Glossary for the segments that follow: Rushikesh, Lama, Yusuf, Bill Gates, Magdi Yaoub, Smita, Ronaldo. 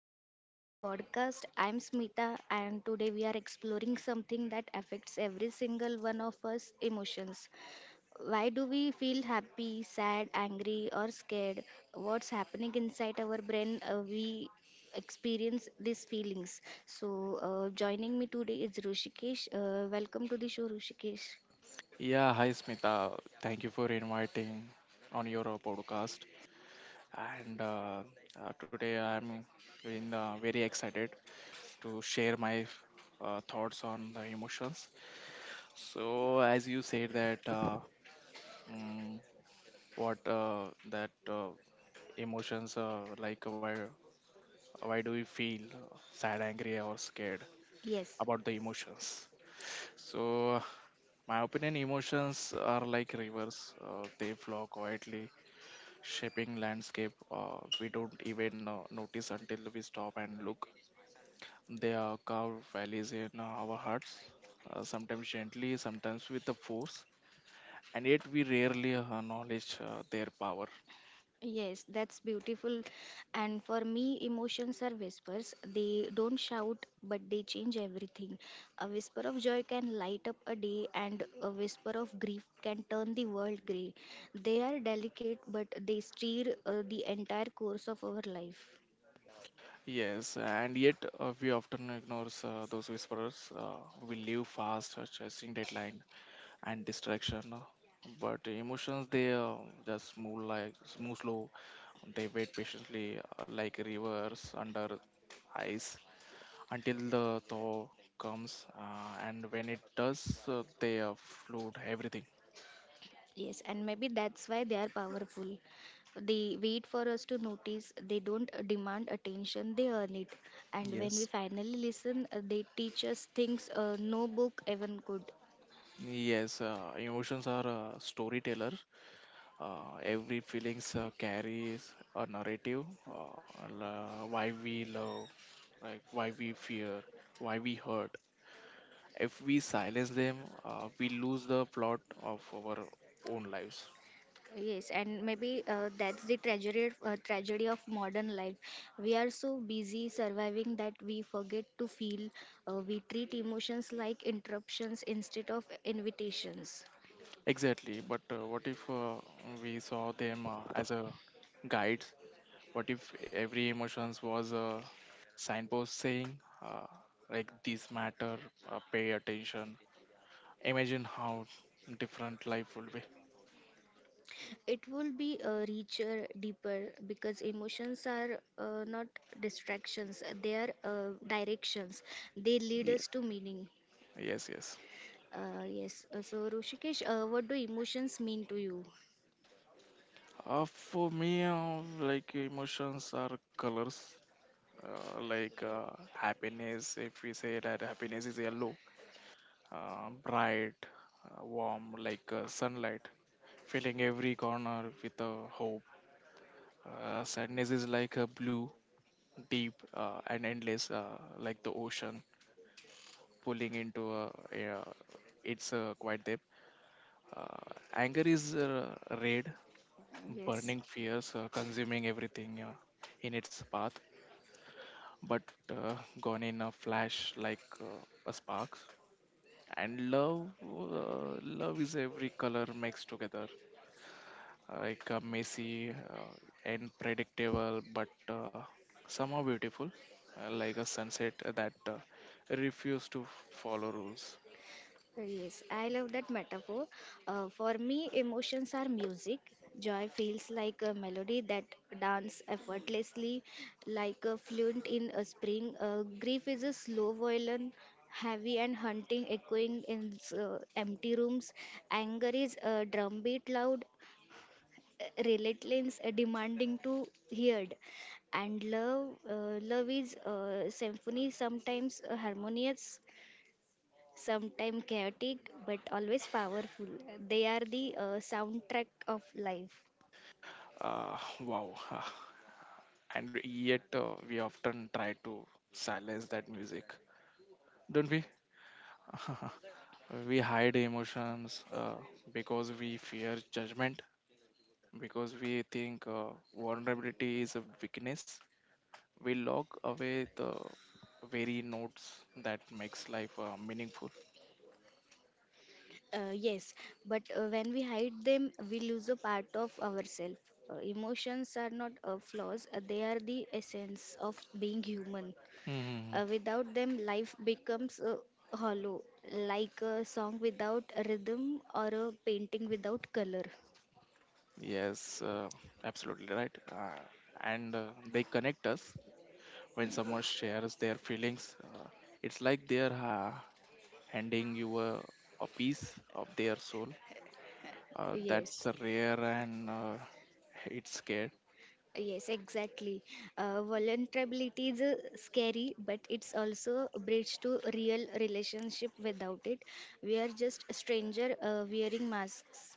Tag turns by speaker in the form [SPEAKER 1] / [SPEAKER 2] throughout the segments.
[SPEAKER 1] and welcome to our podcast. I'm Smita, and today we are exploring something that affects every single one of us emotions. Why do we feel happy, sad, angry, or scared? What's happening inside our brain? We experience these feelings. So, joining me today is Rushikesh. Welcome to the show, Rushikesh.
[SPEAKER 2] Yeah, hi Smita. Thank you for inviting on your podcast. And Today I'm in, very excited to share my thoughts on the emotions. So as you said that mm, what that emotions, like why do we feel sad, angry, or scared
[SPEAKER 1] Yes.
[SPEAKER 2] about the emotions? So my opinion, emotions are like rivers. They flow quietly, shaping landscape we don't even notice until we stop and look. They are carved valleys in our hearts, sometimes gently, sometimes with a force, and yet we rarely acknowledge their power.
[SPEAKER 1] Yes, that's beautiful. And for me, emotions are whispers. They don't shout, but they change everything. A whisper of joy can light up a day, and a whisper of grief can turn the world grey. They are delicate, but they steer the entire course of our life.
[SPEAKER 2] Yes, and yet we often ignore those whisperers. We live fast, chasing deadline and distraction. But emotions, they just move, like move slow. They wait patiently, like rivers under ice, until the thaw comes, and when it does, they flood everything.
[SPEAKER 1] Yes, and maybe that's why they are powerful. They wait for us to notice, they don't demand attention, they earn it. And when we
[SPEAKER 2] Yes.
[SPEAKER 1] finally listen, they teach us things no book even could.
[SPEAKER 2] Yes, emotions are a storyteller. Every feelings carries a narrative. Why we love, like why we fear, why we hurt. If we silence them, we lose the plot of our own lives.
[SPEAKER 1] Yes, and maybe that's the tragedy of modern life. We are so busy surviving that we forget to feel. We treat emotions like interruptions instead of invitations.
[SPEAKER 2] Exactly. But what if we saw them as a guides? What if every emotions was a signpost saying, uh, like this matter, pay attention. Imagine how different life would be.
[SPEAKER 1] It will be richer, deeper because emotions are not distractions. They are directions. They lead
[SPEAKER 2] Yeah.
[SPEAKER 1] us to meaning.
[SPEAKER 2] Yes, yes.
[SPEAKER 1] Yes. So, Rushikesh, what do emotions mean to you?
[SPEAKER 2] For me, like emotions are colors. Uh, like uh, Happiness, if we say that happiness is yellow, bright, warm, like sunlight, filling every corner with hope. Sadness is like a blue, deep and endless, like the ocean pulling into a, it's quite deep. Uh, Anger is red,
[SPEAKER 1] Yes.
[SPEAKER 2] burning fierce, consuming everything in its path, but uh, gone in a flash like a spark. And love, love is every color mixed together, like messy and predictable, but somehow beautiful, like a sunset that refused to follow rules.
[SPEAKER 1] Yes, I love that metaphor. For me, emotions are music. Joy feels like a melody that dance effortlessly, like a fluent in a spring. Grief is a slow violin, heavy and hunting, echoing in empty rooms. Anger is a drumbeat loud, relentless, demanding to heard and love love is a symphony sometimes harmonious sometimes chaotic, but always powerful. They are the soundtrack of life.
[SPEAKER 2] Wow. And yet, we often try to silence that music, don't we? We hide emotions because we fear judgment, because we think vulnerability is a weakness. We lock away the very notes that makes life meaningful.
[SPEAKER 1] Yes, but when we hide them, we lose a part of ourselves. Emotions are not flaws, they are the essence of being human.
[SPEAKER 2] Hmm.
[SPEAKER 1] Without them, life becomes hollow, like a song without a rhythm or a painting without color.
[SPEAKER 2] Yes, absolutely right. And they connect us when someone shares their feelings. It's like they're handing you a piece of their soul. That's
[SPEAKER 1] Yes.
[SPEAKER 2] a rare, and it's scared.
[SPEAKER 1] Yes, exactly. Vulnerability is scary, but it's also a bridge to real relationship. Without it, we are just a stranger wearing masks.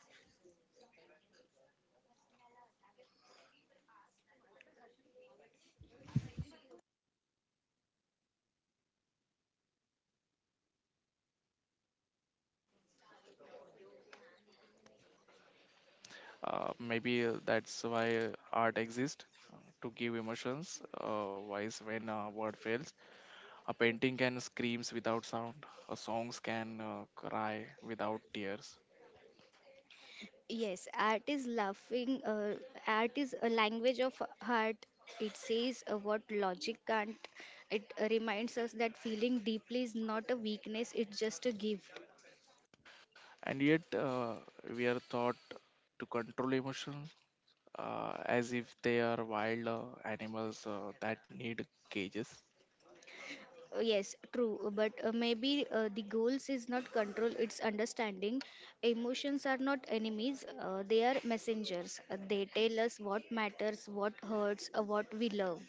[SPEAKER 2] Maybe that's why art exists to give emotions. Wise when a word fails, a painting can screams without sound. A songs can cry without tears.
[SPEAKER 1] Yes, art is laughing. Art is a language of heart. It says what logic can't. It reminds us that feeling deeply is not a weakness. It's just a gift.
[SPEAKER 2] And yet we are taught to control emotions as if they are wild animals that need cages.
[SPEAKER 1] Yes, true, but maybe the goals is not control, it's understanding. Emotions are not enemies, they are messengers. They tell us what matters, what hurts, what we love.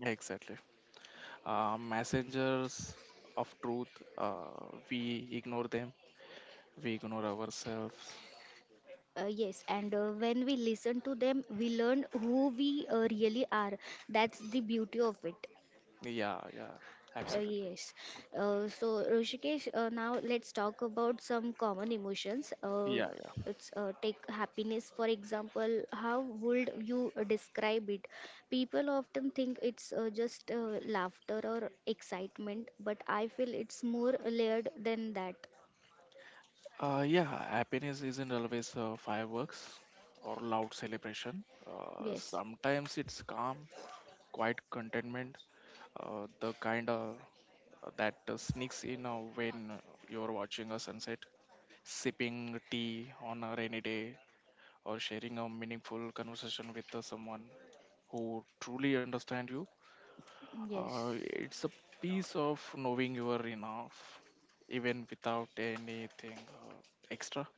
[SPEAKER 2] Exactly. Messengers of truth, uh, we ignore them, we ignore ourselves.
[SPEAKER 1] Yes, and when we listen to them, we learn who we really are. That's the beauty of it.
[SPEAKER 2] Yeah, yeah,
[SPEAKER 1] Uh,
[SPEAKER 2] absolutely.
[SPEAKER 1] yes. So, Rishikesh, now let's talk about some common emotions. Uh,
[SPEAKER 2] Yeah, yeah.
[SPEAKER 1] it's take happiness for example. How would you describe it? People often think it's just laughter or excitement, but I feel it's more layered than that.
[SPEAKER 2] Yeah, happiness isn't always fireworks or loud celebration.
[SPEAKER 1] Yes.
[SPEAKER 2] Sometimes it's calm, quiet contentment, the kind that sneaks in when you're watching a sunset, sipping tea on a rainy day, or sharing a meaningful conversation with someone who truly understands you.
[SPEAKER 1] Yes.
[SPEAKER 2] It's a piece of knowing you are enough, even without anything uh, extra.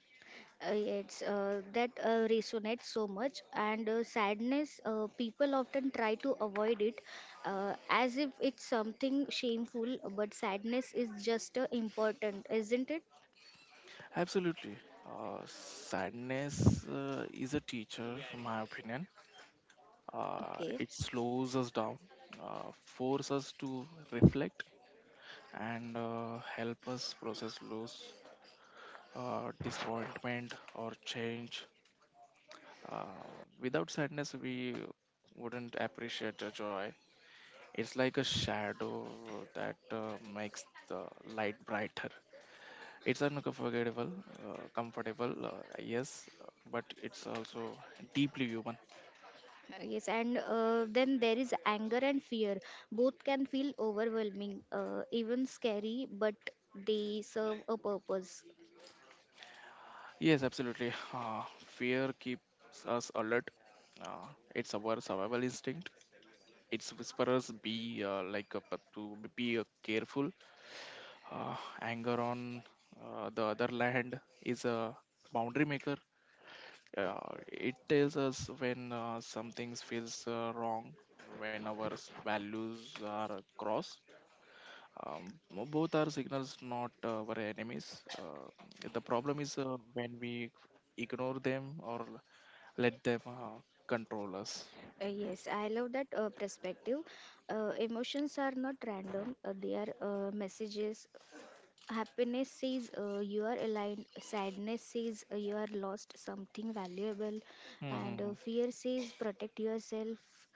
[SPEAKER 1] It's that resonates so much and sadness people often try to avoid it as if it's something shameful but sadness is just important, isn't it?
[SPEAKER 2] Absolutely. Sadness is a teacher, in my opinion.
[SPEAKER 1] Okay.
[SPEAKER 2] It slows us down, uh, forces us to reflect and help us process loss, disappointment, or change. Uh, Without sadness, we wouldn't appreciate the joy. It's like a shadow that makes the light brighter. It's unforgettable, comfortable, yes, but it's also deeply human.
[SPEAKER 1] Yes, and then there is anger and fear, both can feel overwhelming, even scary, but they serve a purpose.
[SPEAKER 2] Yes, absolutely. Fear keeps us alert. Uh, it's our survival instinct. It's whisperers be, but to be careful. Anger on the other land is a boundary maker. Uh, it tells us when something feels wrong, when our values are crossed. Both are signals, not our enemies. The problem is when we ignore them or let them control us.
[SPEAKER 1] Yes, I love that perspective. Emotions are not random, they are messages. Happiness says you are aligned, sadness says you are lost something valuable, and
[SPEAKER 2] Hmm.
[SPEAKER 1] fear says protect yourself,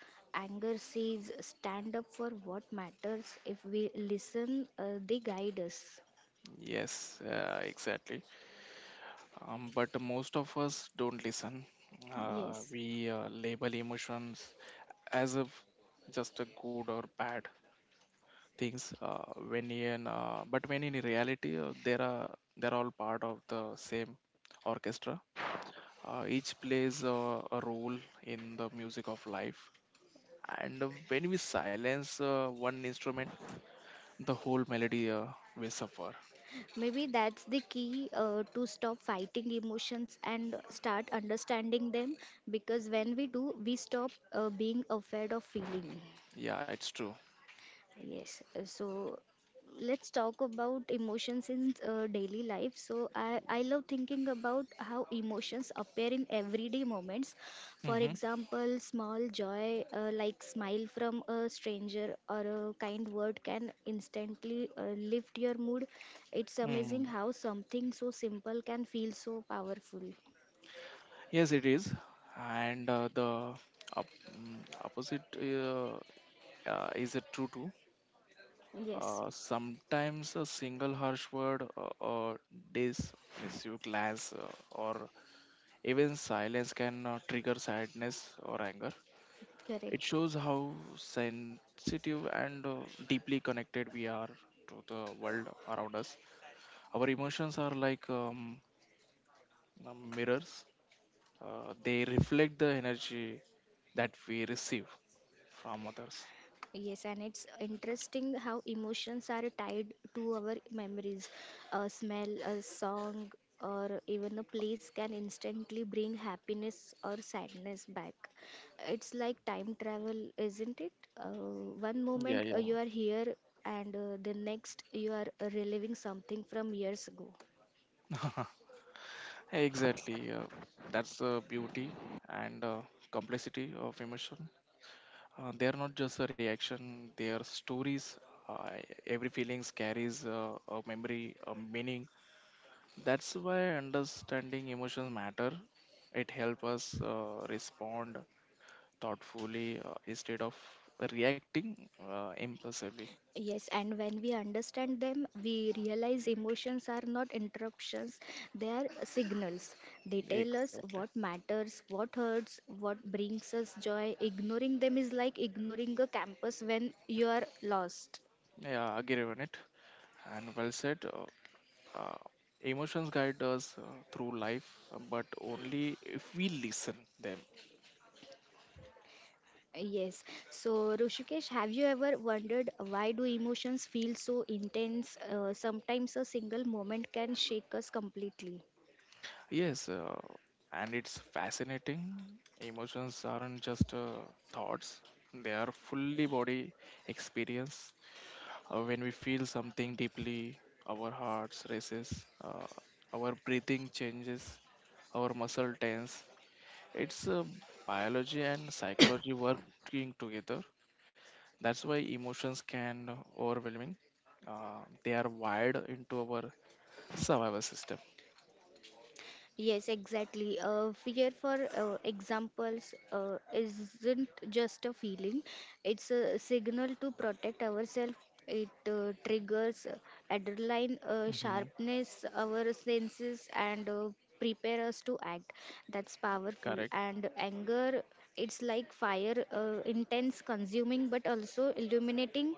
[SPEAKER 1] anger says stand up for what matters. If we listen, they guide us.
[SPEAKER 2] Yes, exactly. But most of us don't listen. Uh,
[SPEAKER 1] Yes.
[SPEAKER 2] we uh, label emotions as if just a good or bad things. When in but when in reality, there are they're all part of the same orchestra. Each plays a role in the music of life. And when we silence one instrument, the whole melody will suffer.
[SPEAKER 1] Maybe that's the key to stop fighting emotions and start understanding them because when we do, we stop being afraid of feeling.
[SPEAKER 2] Yeah, it's true.
[SPEAKER 1] Yes, so let's talk about emotions in daily life. So I love thinking about how emotions appear in everyday moments. For
[SPEAKER 2] Mm-hmm.
[SPEAKER 1] example, small joy like smile from a stranger or a kind word can instantly lift your mood. It's amazing
[SPEAKER 2] Mm.
[SPEAKER 1] how something so simple can feel so powerful.
[SPEAKER 2] Yes, it is. And the opposite, is true too.
[SPEAKER 1] Yes,
[SPEAKER 2] Sometimes a single harsh word or dismiss you glance or even silence can trigger sadness or anger. It
[SPEAKER 1] correct.
[SPEAKER 2] shows how sensitive and deeply connected we are to the world around us. Our emotions are like mirrors, they reflect the energy that we receive from others.
[SPEAKER 1] Yes, and it's interesting how emotions are tied to our memories. A smell, a song, or even a place can instantly bring happiness or sadness back. It's like time travel, isn't it? One
[SPEAKER 2] Yeah,
[SPEAKER 1] moment
[SPEAKER 2] yeah,
[SPEAKER 1] you are here, and the next you are reliving something from years ago.
[SPEAKER 2] exactly. That's the beauty and complexity of emotion. They are not just a reaction; they are stories. Uh, every feelings carries a memory, a meaning. That's why understanding emotions matter. It helps us respond thoughtfully instead of reacting impulsively.
[SPEAKER 1] Yes, and when we understand them, we realize emotions are not interruptions, they are signals. They tell us
[SPEAKER 2] Exactly.
[SPEAKER 1] what matters, what hurts, what brings us joy. Ignoring them is like ignoring a campus when you are lost.
[SPEAKER 2] Yeah, agree on it. And well said. Uh, Emotions guide us through life, but only if we listen them.
[SPEAKER 1] Yes. So, Rushikesh, have you ever wondered why do emotions feel so intense? Sometimes a single moment can shake us completely.
[SPEAKER 2] Yes, and it's fascinating, emotions aren't just thoughts, they are fully body experience. When we feel something deeply, our hearts races, uh, our breathing changes, our muscle tense. It's biology and psychology working together. That's why emotions can overwhelming. They are wired into our survival system.
[SPEAKER 1] Yes, exactly. Fear, for examples, isn't just a feeling, it's a signal to protect ourselves. It triggers adrenaline,
[SPEAKER 2] Hmm.
[SPEAKER 1] sharpness our senses, and prepare us to act. That's powerful.
[SPEAKER 2] Correct.
[SPEAKER 1] And anger, it's like fire, intense, consuming, but also illuminating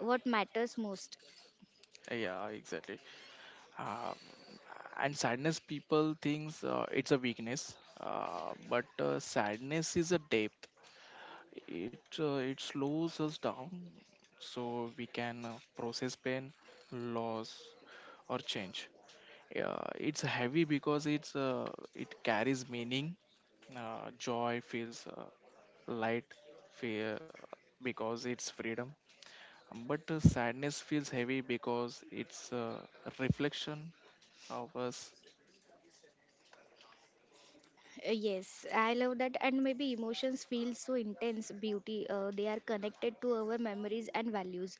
[SPEAKER 1] what matters most.
[SPEAKER 2] Yeah, exactly. Um, and sadness, people thinks it's a weakness, but sadness is a depth. It slows us down, so we can process pain, loss, or change. Yeah, it's heavy because it carries meaning. Joy feels light, fear because it's freedom, but sadness feels heavy because it's a reflection of us.
[SPEAKER 1] Yes, I love that, and maybe emotions feel so intense. Beauty, they are connected to our memories and values.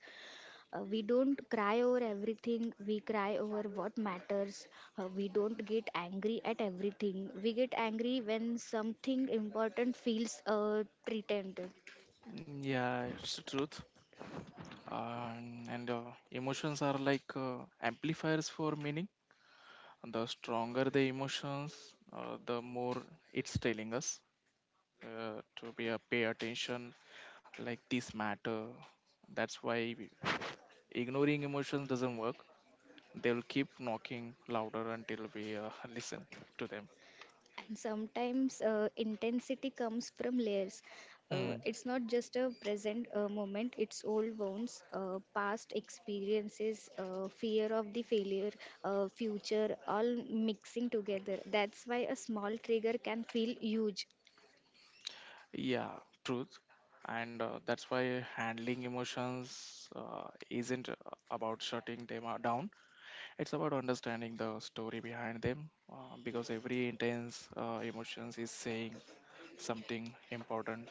[SPEAKER 1] We don't cry over everything, we cry over what matters. We don't get angry at everything, we get angry when something important feels threatened.
[SPEAKER 2] Yeah, it's the truth. And emotions are like amplifiers for meaning. The stronger the emotions, the more it's telling us to be a pay attention, like this matter. That's why ignoring emotions doesn't work. They'll keep knocking louder until we listen to them.
[SPEAKER 1] And sometimes intensity comes from layers,
[SPEAKER 2] Hmm.
[SPEAKER 1] it's not just a present moment, it's old wounds, past experiences, fear of the failure, future all mixing together. That's why a small trigger can feel huge.
[SPEAKER 2] Yeah, truth. And that's why handling emotions isn't about shutting them down. It's about understanding the story behind them, because every intense emotions is saying something important.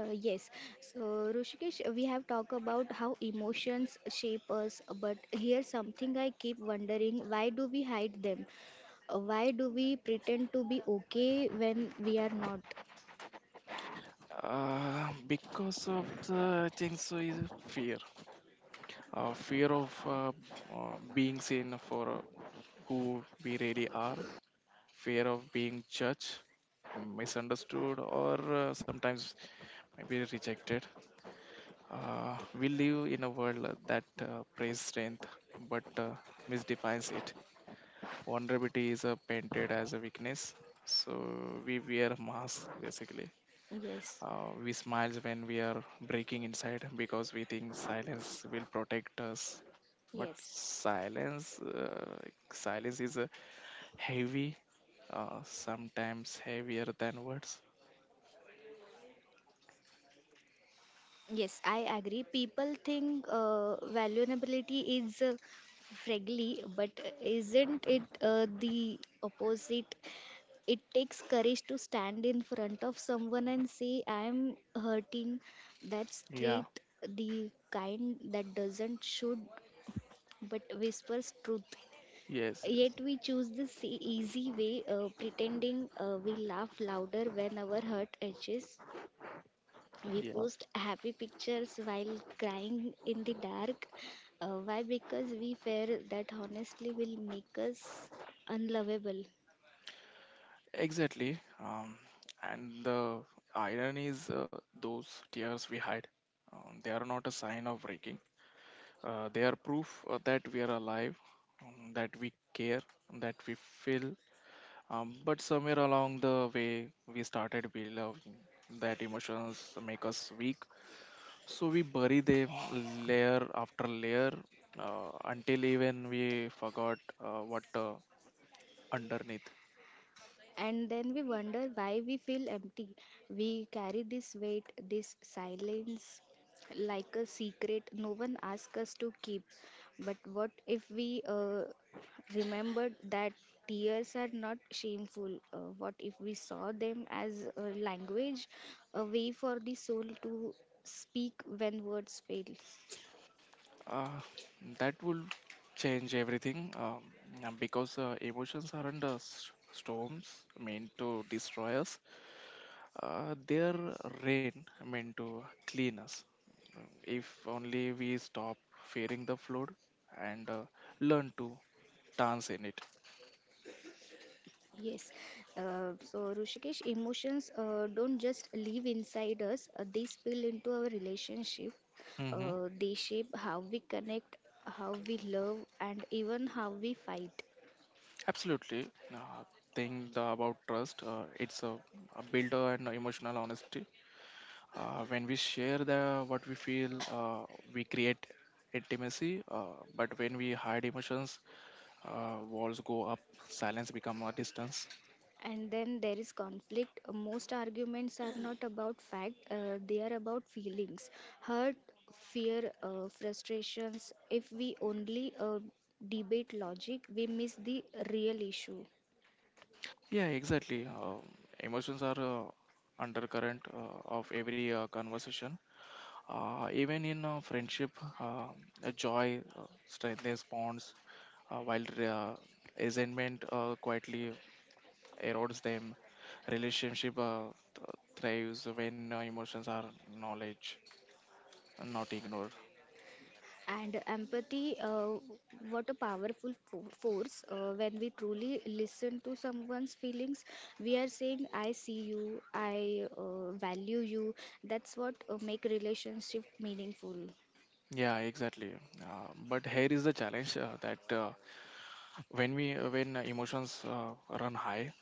[SPEAKER 1] Yes so Rushikesh, we have talked about how emotions shape us, but here's something I keep wondering: why do we hide them? Why do we pretend to be okay when we are not?
[SPEAKER 2] Because of the, I think so is fear. Fear of being seen for who we really are, fear of being judged, misunderstood, or sometimes maybe rejected. We live in a world that praises strength, but misdefines it. Vulnerability is painted as a weakness, so we wear masks basically.
[SPEAKER 1] Yes,
[SPEAKER 2] We smile when we are breaking inside because we think silence will protect us. But
[SPEAKER 1] yes,
[SPEAKER 2] silence, silence is a heavy, sometimes heavier than words.
[SPEAKER 1] yes, I agree. People think vulnerability is friendly, but isn't it the opposite? It takes courage to stand in front of someone and say, I am hurting. That's
[SPEAKER 2] Yeah.
[SPEAKER 1] straight, the kind that doesn't should but whispers truth.
[SPEAKER 2] Yes, yes.
[SPEAKER 1] Yet we choose this easy way, pretending we laugh louder when our hurt edges, we
[SPEAKER 2] Yeah,
[SPEAKER 1] post happy pictures while crying in the dark, why? Because we fear that honestly will make us unlovable.
[SPEAKER 2] exactly. And the irony is those tears we hide, they are not a sign of breaking. They are proof that we are alive, that we care, that we feel. But somewhere along the way, we started believing that emotions make us weak. So we bury them layer after layer, until even we forgot what underneath.
[SPEAKER 1] And then we wonder why we feel empty. We carry this weight, this silence, like a secret no one asks us to keep. But what if we remembered that tears are not shameful? What if we saw them as a language, a way for the soul to speak when words fail?
[SPEAKER 2] Uh, that will change everything, because emotions aren't storms meant to destroy us. They're rain meant to clean us. If only we stop fearing the flood and learn to dance in it.
[SPEAKER 1] Yes. So, Rushikesh, emotions don't just live inside us, they spill into our relationship.
[SPEAKER 2] Mm-hmm.
[SPEAKER 1] They shape how we connect, how we love, and even how we fight.
[SPEAKER 2] Absolutely. Thing the, about trust, a builder and emotional honesty. When we share the what we feel, we create intimacy. But when we hide emotions, walls go up, silence become a distance.
[SPEAKER 1] And then there is conflict. Most arguments are not about fact, they are about feelings hurt, fear, frustrations. If we only debate logic, we miss the real issue.
[SPEAKER 2] Yeah, exactly. Emotions are undercurrent of every conversation. Even in friendship, uh, joy strengthens bonds, while resentment quietly erodes them. Relationship th- thrives when emotions are knowledge, not ignore.
[SPEAKER 1] And empathy, what a powerful force. When we truly listen to someone's feelings, we are saying, I see you, I value you. That's what make relationship meaningful.
[SPEAKER 2] Yeah, exactly. But here is the challenge, that when emotions run high,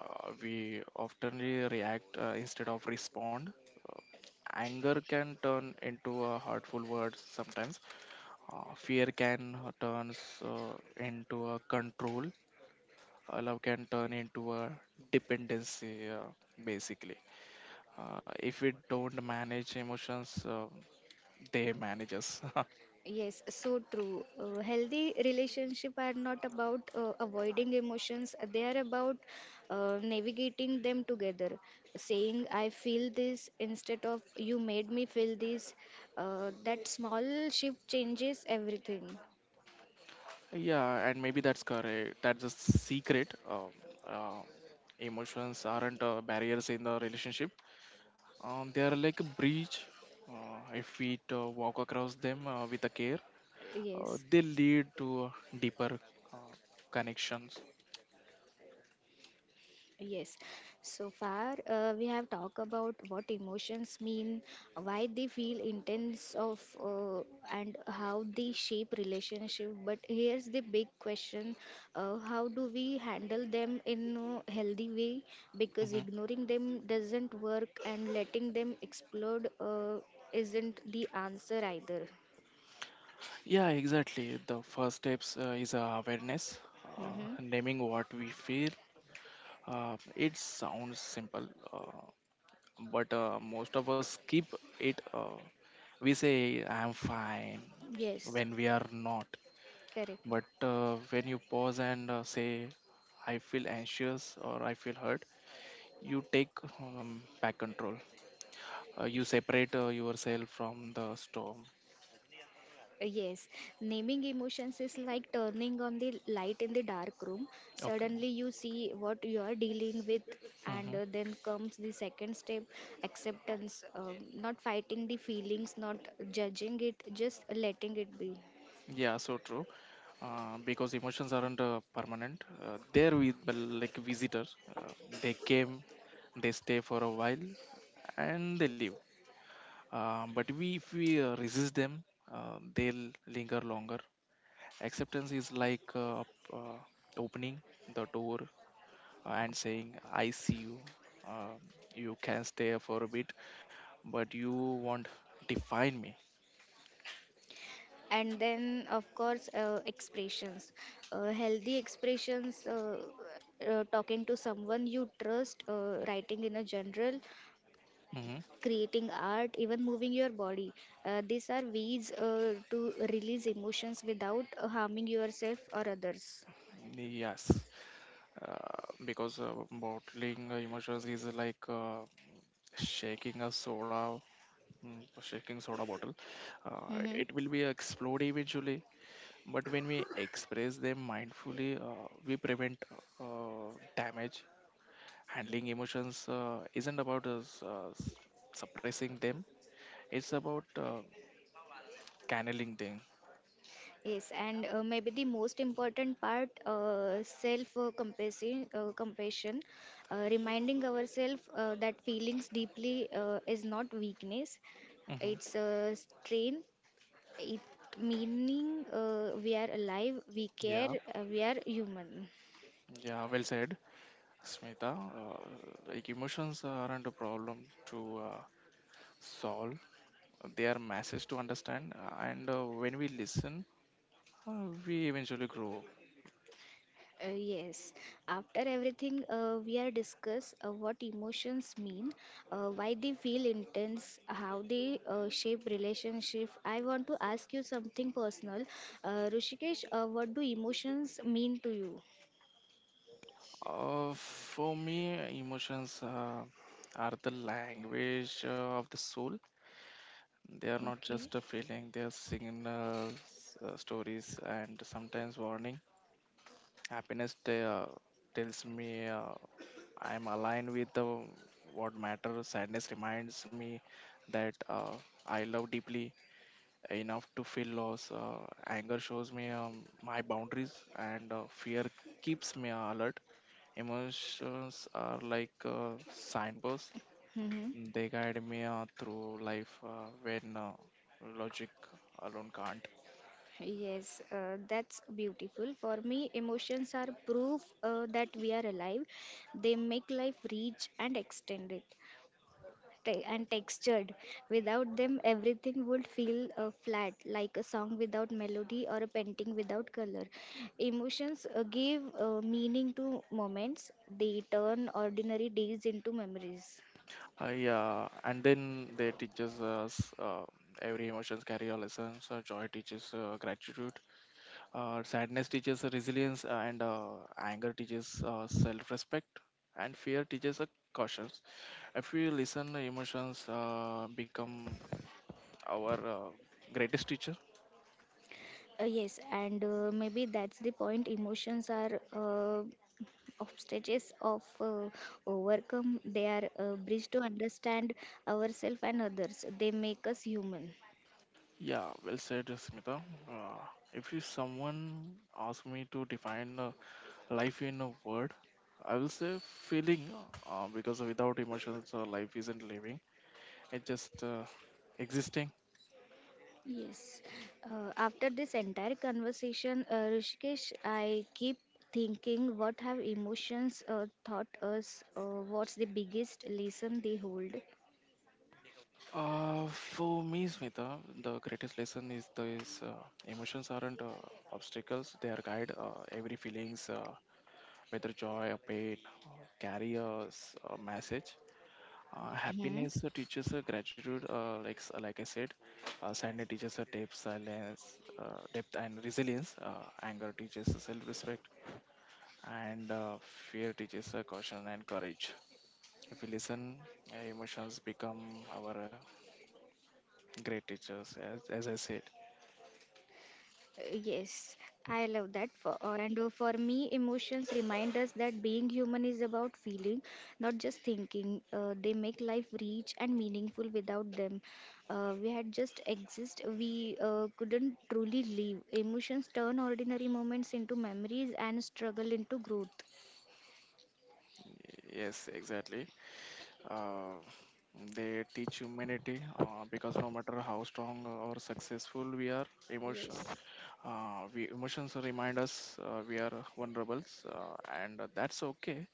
[SPEAKER 2] we often react instead of respond. Anger can turn into a hurtful words sometimes, fear can turns into a control, love can turn into a dependency, basically. If we don't manage emotions, they manage us.
[SPEAKER 1] Yes, so true. Healthy relationship are not about avoiding emotions. They are about navigating them together. Saying I feel this instead of you made me feel this. That small shift changes everything.
[SPEAKER 2] Yeah, and maybe that's correct. That's a secret. Uh, Emotions aren't barriers in the relationship. They are like a bridge. If we walk across them with a care,
[SPEAKER 1] Yes.
[SPEAKER 2] they lead to deeper uh, connections.
[SPEAKER 1] Yes, so far we have talked about what emotions mean, why they feel intense of, and how they shape relationship. But here's the big question: how do we handle them in a healthy way? Because
[SPEAKER 2] Hmm.
[SPEAKER 1] ignoring them doesn't work, and letting them explode isn't the answer either.
[SPEAKER 2] Yeah, exactly. The first steps is awareness,
[SPEAKER 1] Hmm.
[SPEAKER 2] naming what we feel. It sounds simple, but most of us skip it. We say, "I'm fine,"
[SPEAKER 1] Yes,
[SPEAKER 2] when we are not.
[SPEAKER 1] correct.
[SPEAKER 2] But when you pause and say, I feel anxious or I feel hurt, you take back control. You separate yourself from the storm.
[SPEAKER 1] Yes, naming emotions is like turning on the light in the dark room.
[SPEAKER 2] Okay.
[SPEAKER 1] Suddenly, you see what you are dealing with, and
[SPEAKER 2] Hmm.
[SPEAKER 1] then comes the second step acceptance. Not fighting the feelings, not judging it, just letting it be.
[SPEAKER 2] Yeah, so true. Because emotions aren't permanent. They're with, like visitors. They came, they stay for a while, and they leave. If we resist them, they'll linger longer. Acceptance is like uh, opening the door and saying, I see you. Um, you can stay for a bit, but you won't define me.
[SPEAKER 1] And then, of course, expressions. Healthy expressions. Talking to someone you trust, writing in a journal,
[SPEAKER 2] Hmm.
[SPEAKER 1] creating art, even moving your body. These are ways to release emotions without harming yourself or others.
[SPEAKER 2] Yes, because bottling emotions is like shaking a soda, shaking soda bottle.
[SPEAKER 1] Mm-hmm.
[SPEAKER 2] It will be explode eventually, but when we express them mindfully, we prevent damage. Handling emotions isn't about suppressing them, it's about channeling them.
[SPEAKER 1] Yes, and maybe the most important part, compassion, reminding ourselves that feelings deeply is not weakness,
[SPEAKER 2] Hmm.
[SPEAKER 1] it's a strain, it meaning we are alive, we care,
[SPEAKER 2] Yeah.
[SPEAKER 1] we are human.
[SPEAKER 2] Yeah, well said, Smita. uh, like emotions aren't a problem to uh, solve, they are masses to understand, and when we listen, we eventually grow.
[SPEAKER 1] Yes. After everything we are discuss what emotions mean, why they feel intense, how they shape relationship. I want to ask you something personal. Rushikesh, what do emotions mean to you?
[SPEAKER 2] For me, emotions are the language of the soul. They are not
[SPEAKER 1] Okay.
[SPEAKER 2] just a feeling, they are signals, stories, and sometimes warning. Happiness tells me I am aligned with what matters. Sadness reminds me that I love deeply enough to feel loss. Anger shows me my boundaries, and fear keeps me alert. Emotions are like signposts,
[SPEAKER 1] Mm-hmm.
[SPEAKER 2] they guide me through life when logic alone can't.
[SPEAKER 1] Yes, that's beautiful. For me, emotions are proof that we are alive. They make life rich and extended. And textured. Without them, everything would feel flat, like a song without melody or a painting without color. Emotions give meaning to moments, they turn ordinary days into memories.
[SPEAKER 2] Yeah, and then they teaches us, every emotions carry a lesson. So joy teaches gratitude, sadness teaches resilience, and anger teaches self-respect, and fear teaches caution. If we listen, emotions become our greatest teacher.
[SPEAKER 1] Yes, and maybe that's the point. Emotions are obstacles of overcome. They are a bridge to understand ourselves and others. They make us human.
[SPEAKER 2] Yeah, well said, Smita. Uh, if someone asks me to define life in a word, I will say feeling, because without emotions life isn't living, it's just existing.
[SPEAKER 1] Yes. After this entire conversation, Rishikesh, I keep thinking what have emotions taught us? What's the biggest lesson they hold?
[SPEAKER 2] For me, Smita, the greatest lesson is the uh, emotions aren't obstacles, they are guide. Every feelings whether joy or pain, uh, carry a message. Happiness teaches gratitude, like like I said. Sadness teaches depth and resilience, anger teaches self-respect, and fear teaches caution and courage. If we listen, emotions become our great teachers, as I said.
[SPEAKER 1] Yes, I love that. For me, emotions remind us that being human is about feeling, not just thinking. They make life rich and meaningful. Without them, we had just exist. We couldn't truly live. Emotions turn ordinary moments into memories and struggle into growth.
[SPEAKER 2] Yes, exactly. Uh, they teach humanity because no matter how strong or successful we are, we emotions remind us we are vulnerable, uh, and that's okay.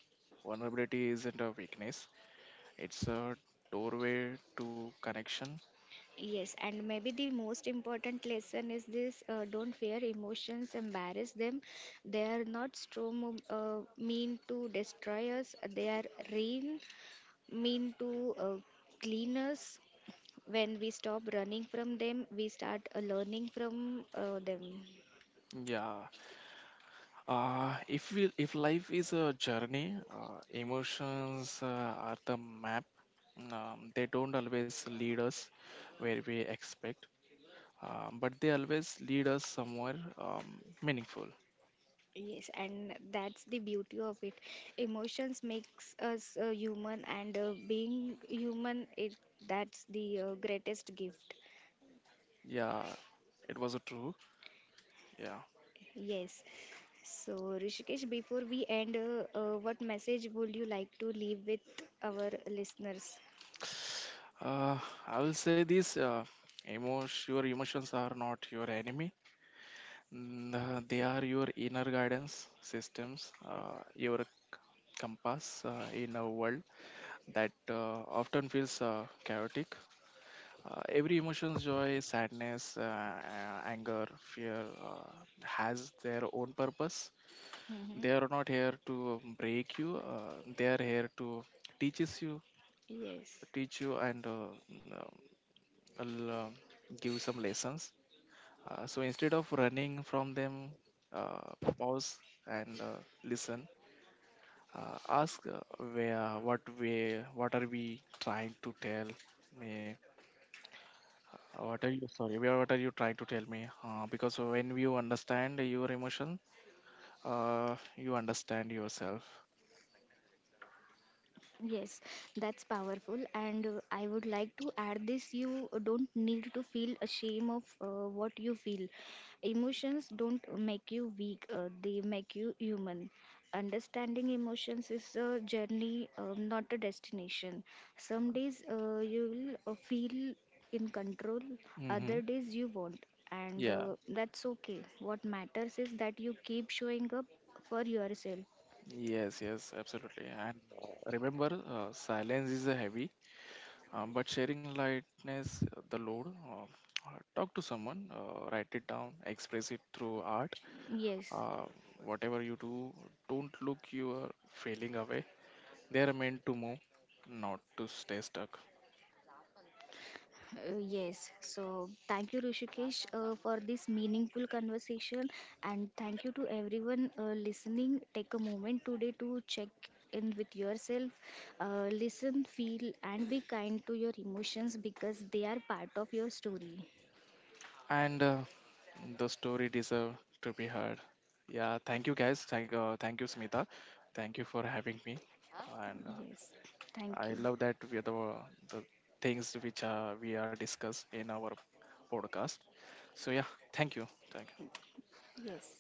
[SPEAKER 2] Vulnerability isn't a weakness; it's a doorway to connection.
[SPEAKER 1] Yes, and maybe the most important lesson is this don't fear emotions, embarrass them. They are not strong, mean to destroy us, they are rain, mean to clean us. When we stop running from them, we start learning from them.
[SPEAKER 2] Yeah. If life is a journey, emotions are the map. They don't always lead us where we expect, but they always lead us somewhere meaningful.
[SPEAKER 1] Yes, and that's the beauty of it. Emotions makes us human, and being human, it that's the greatest gift.
[SPEAKER 2] Yeah, it was a true. Yeah.
[SPEAKER 1] Yes. So, Rishikesh, before we end, what message would you like to leave with our listeners?
[SPEAKER 2] uh, I will say this: your emotions are not your enemy. They are your inner guidance systems, your compass in a world that often feels chaotic. Every emotion's joy, sadness, anger, fear, has their own purpose.
[SPEAKER 1] Hmm.
[SPEAKER 2] They are not here to break you. They are here to teaches you,
[SPEAKER 1] Yes.
[SPEAKER 2] teach you, and l- uh, give some lessons. So instead of running from them, uh, pause and listen. Ask, what are we trying to tell me? What are you trying to tell me? Because when you understand your emotion, uh, you understand yourself.
[SPEAKER 1] Yes, that's powerful. And I would like to add this: you don't need to feel ashamed of what you feel. Emotions don't make you weak, they make you human. Understanding emotions is a journey, not a destination. Some days you will feel in control,
[SPEAKER 2] Mm-hmm.
[SPEAKER 1] other days you won't. And
[SPEAKER 2] Yeah,
[SPEAKER 1] that's okay. What matters is that you keep showing up for yourself.
[SPEAKER 2] yes, yes, absolutely. And remember, silence is a heavy, but sharing lightness the load. Talk to someone, write it down, express it through art.
[SPEAKER 1] Yes.
[SPEAKER 2] Uh, Whatever you do, don't look your failing away. They are meant to move, not to stay stuck.
[SPEAKER 1] Yes, so thank you, Rishikesh, for this meaningful conversation, and thank you to everyone listening. Take a moment today to check in with yourself, listen, feel, and be kind to your emotions because they are part of your story.
[SPEAKER 2] And the story deserve to be heard. Yeah, thank you guys. Thank you, Smita. Thank you for having me. And
[SPEAKER 1] Yes, thank
[SPEAKER 2] I
[SPEAKER 1] you.
[SPEAKER 2] love that the things which we are discussed in our podcast. So yeah, thank you. Thank you.
[SPEAKER 1] Yes.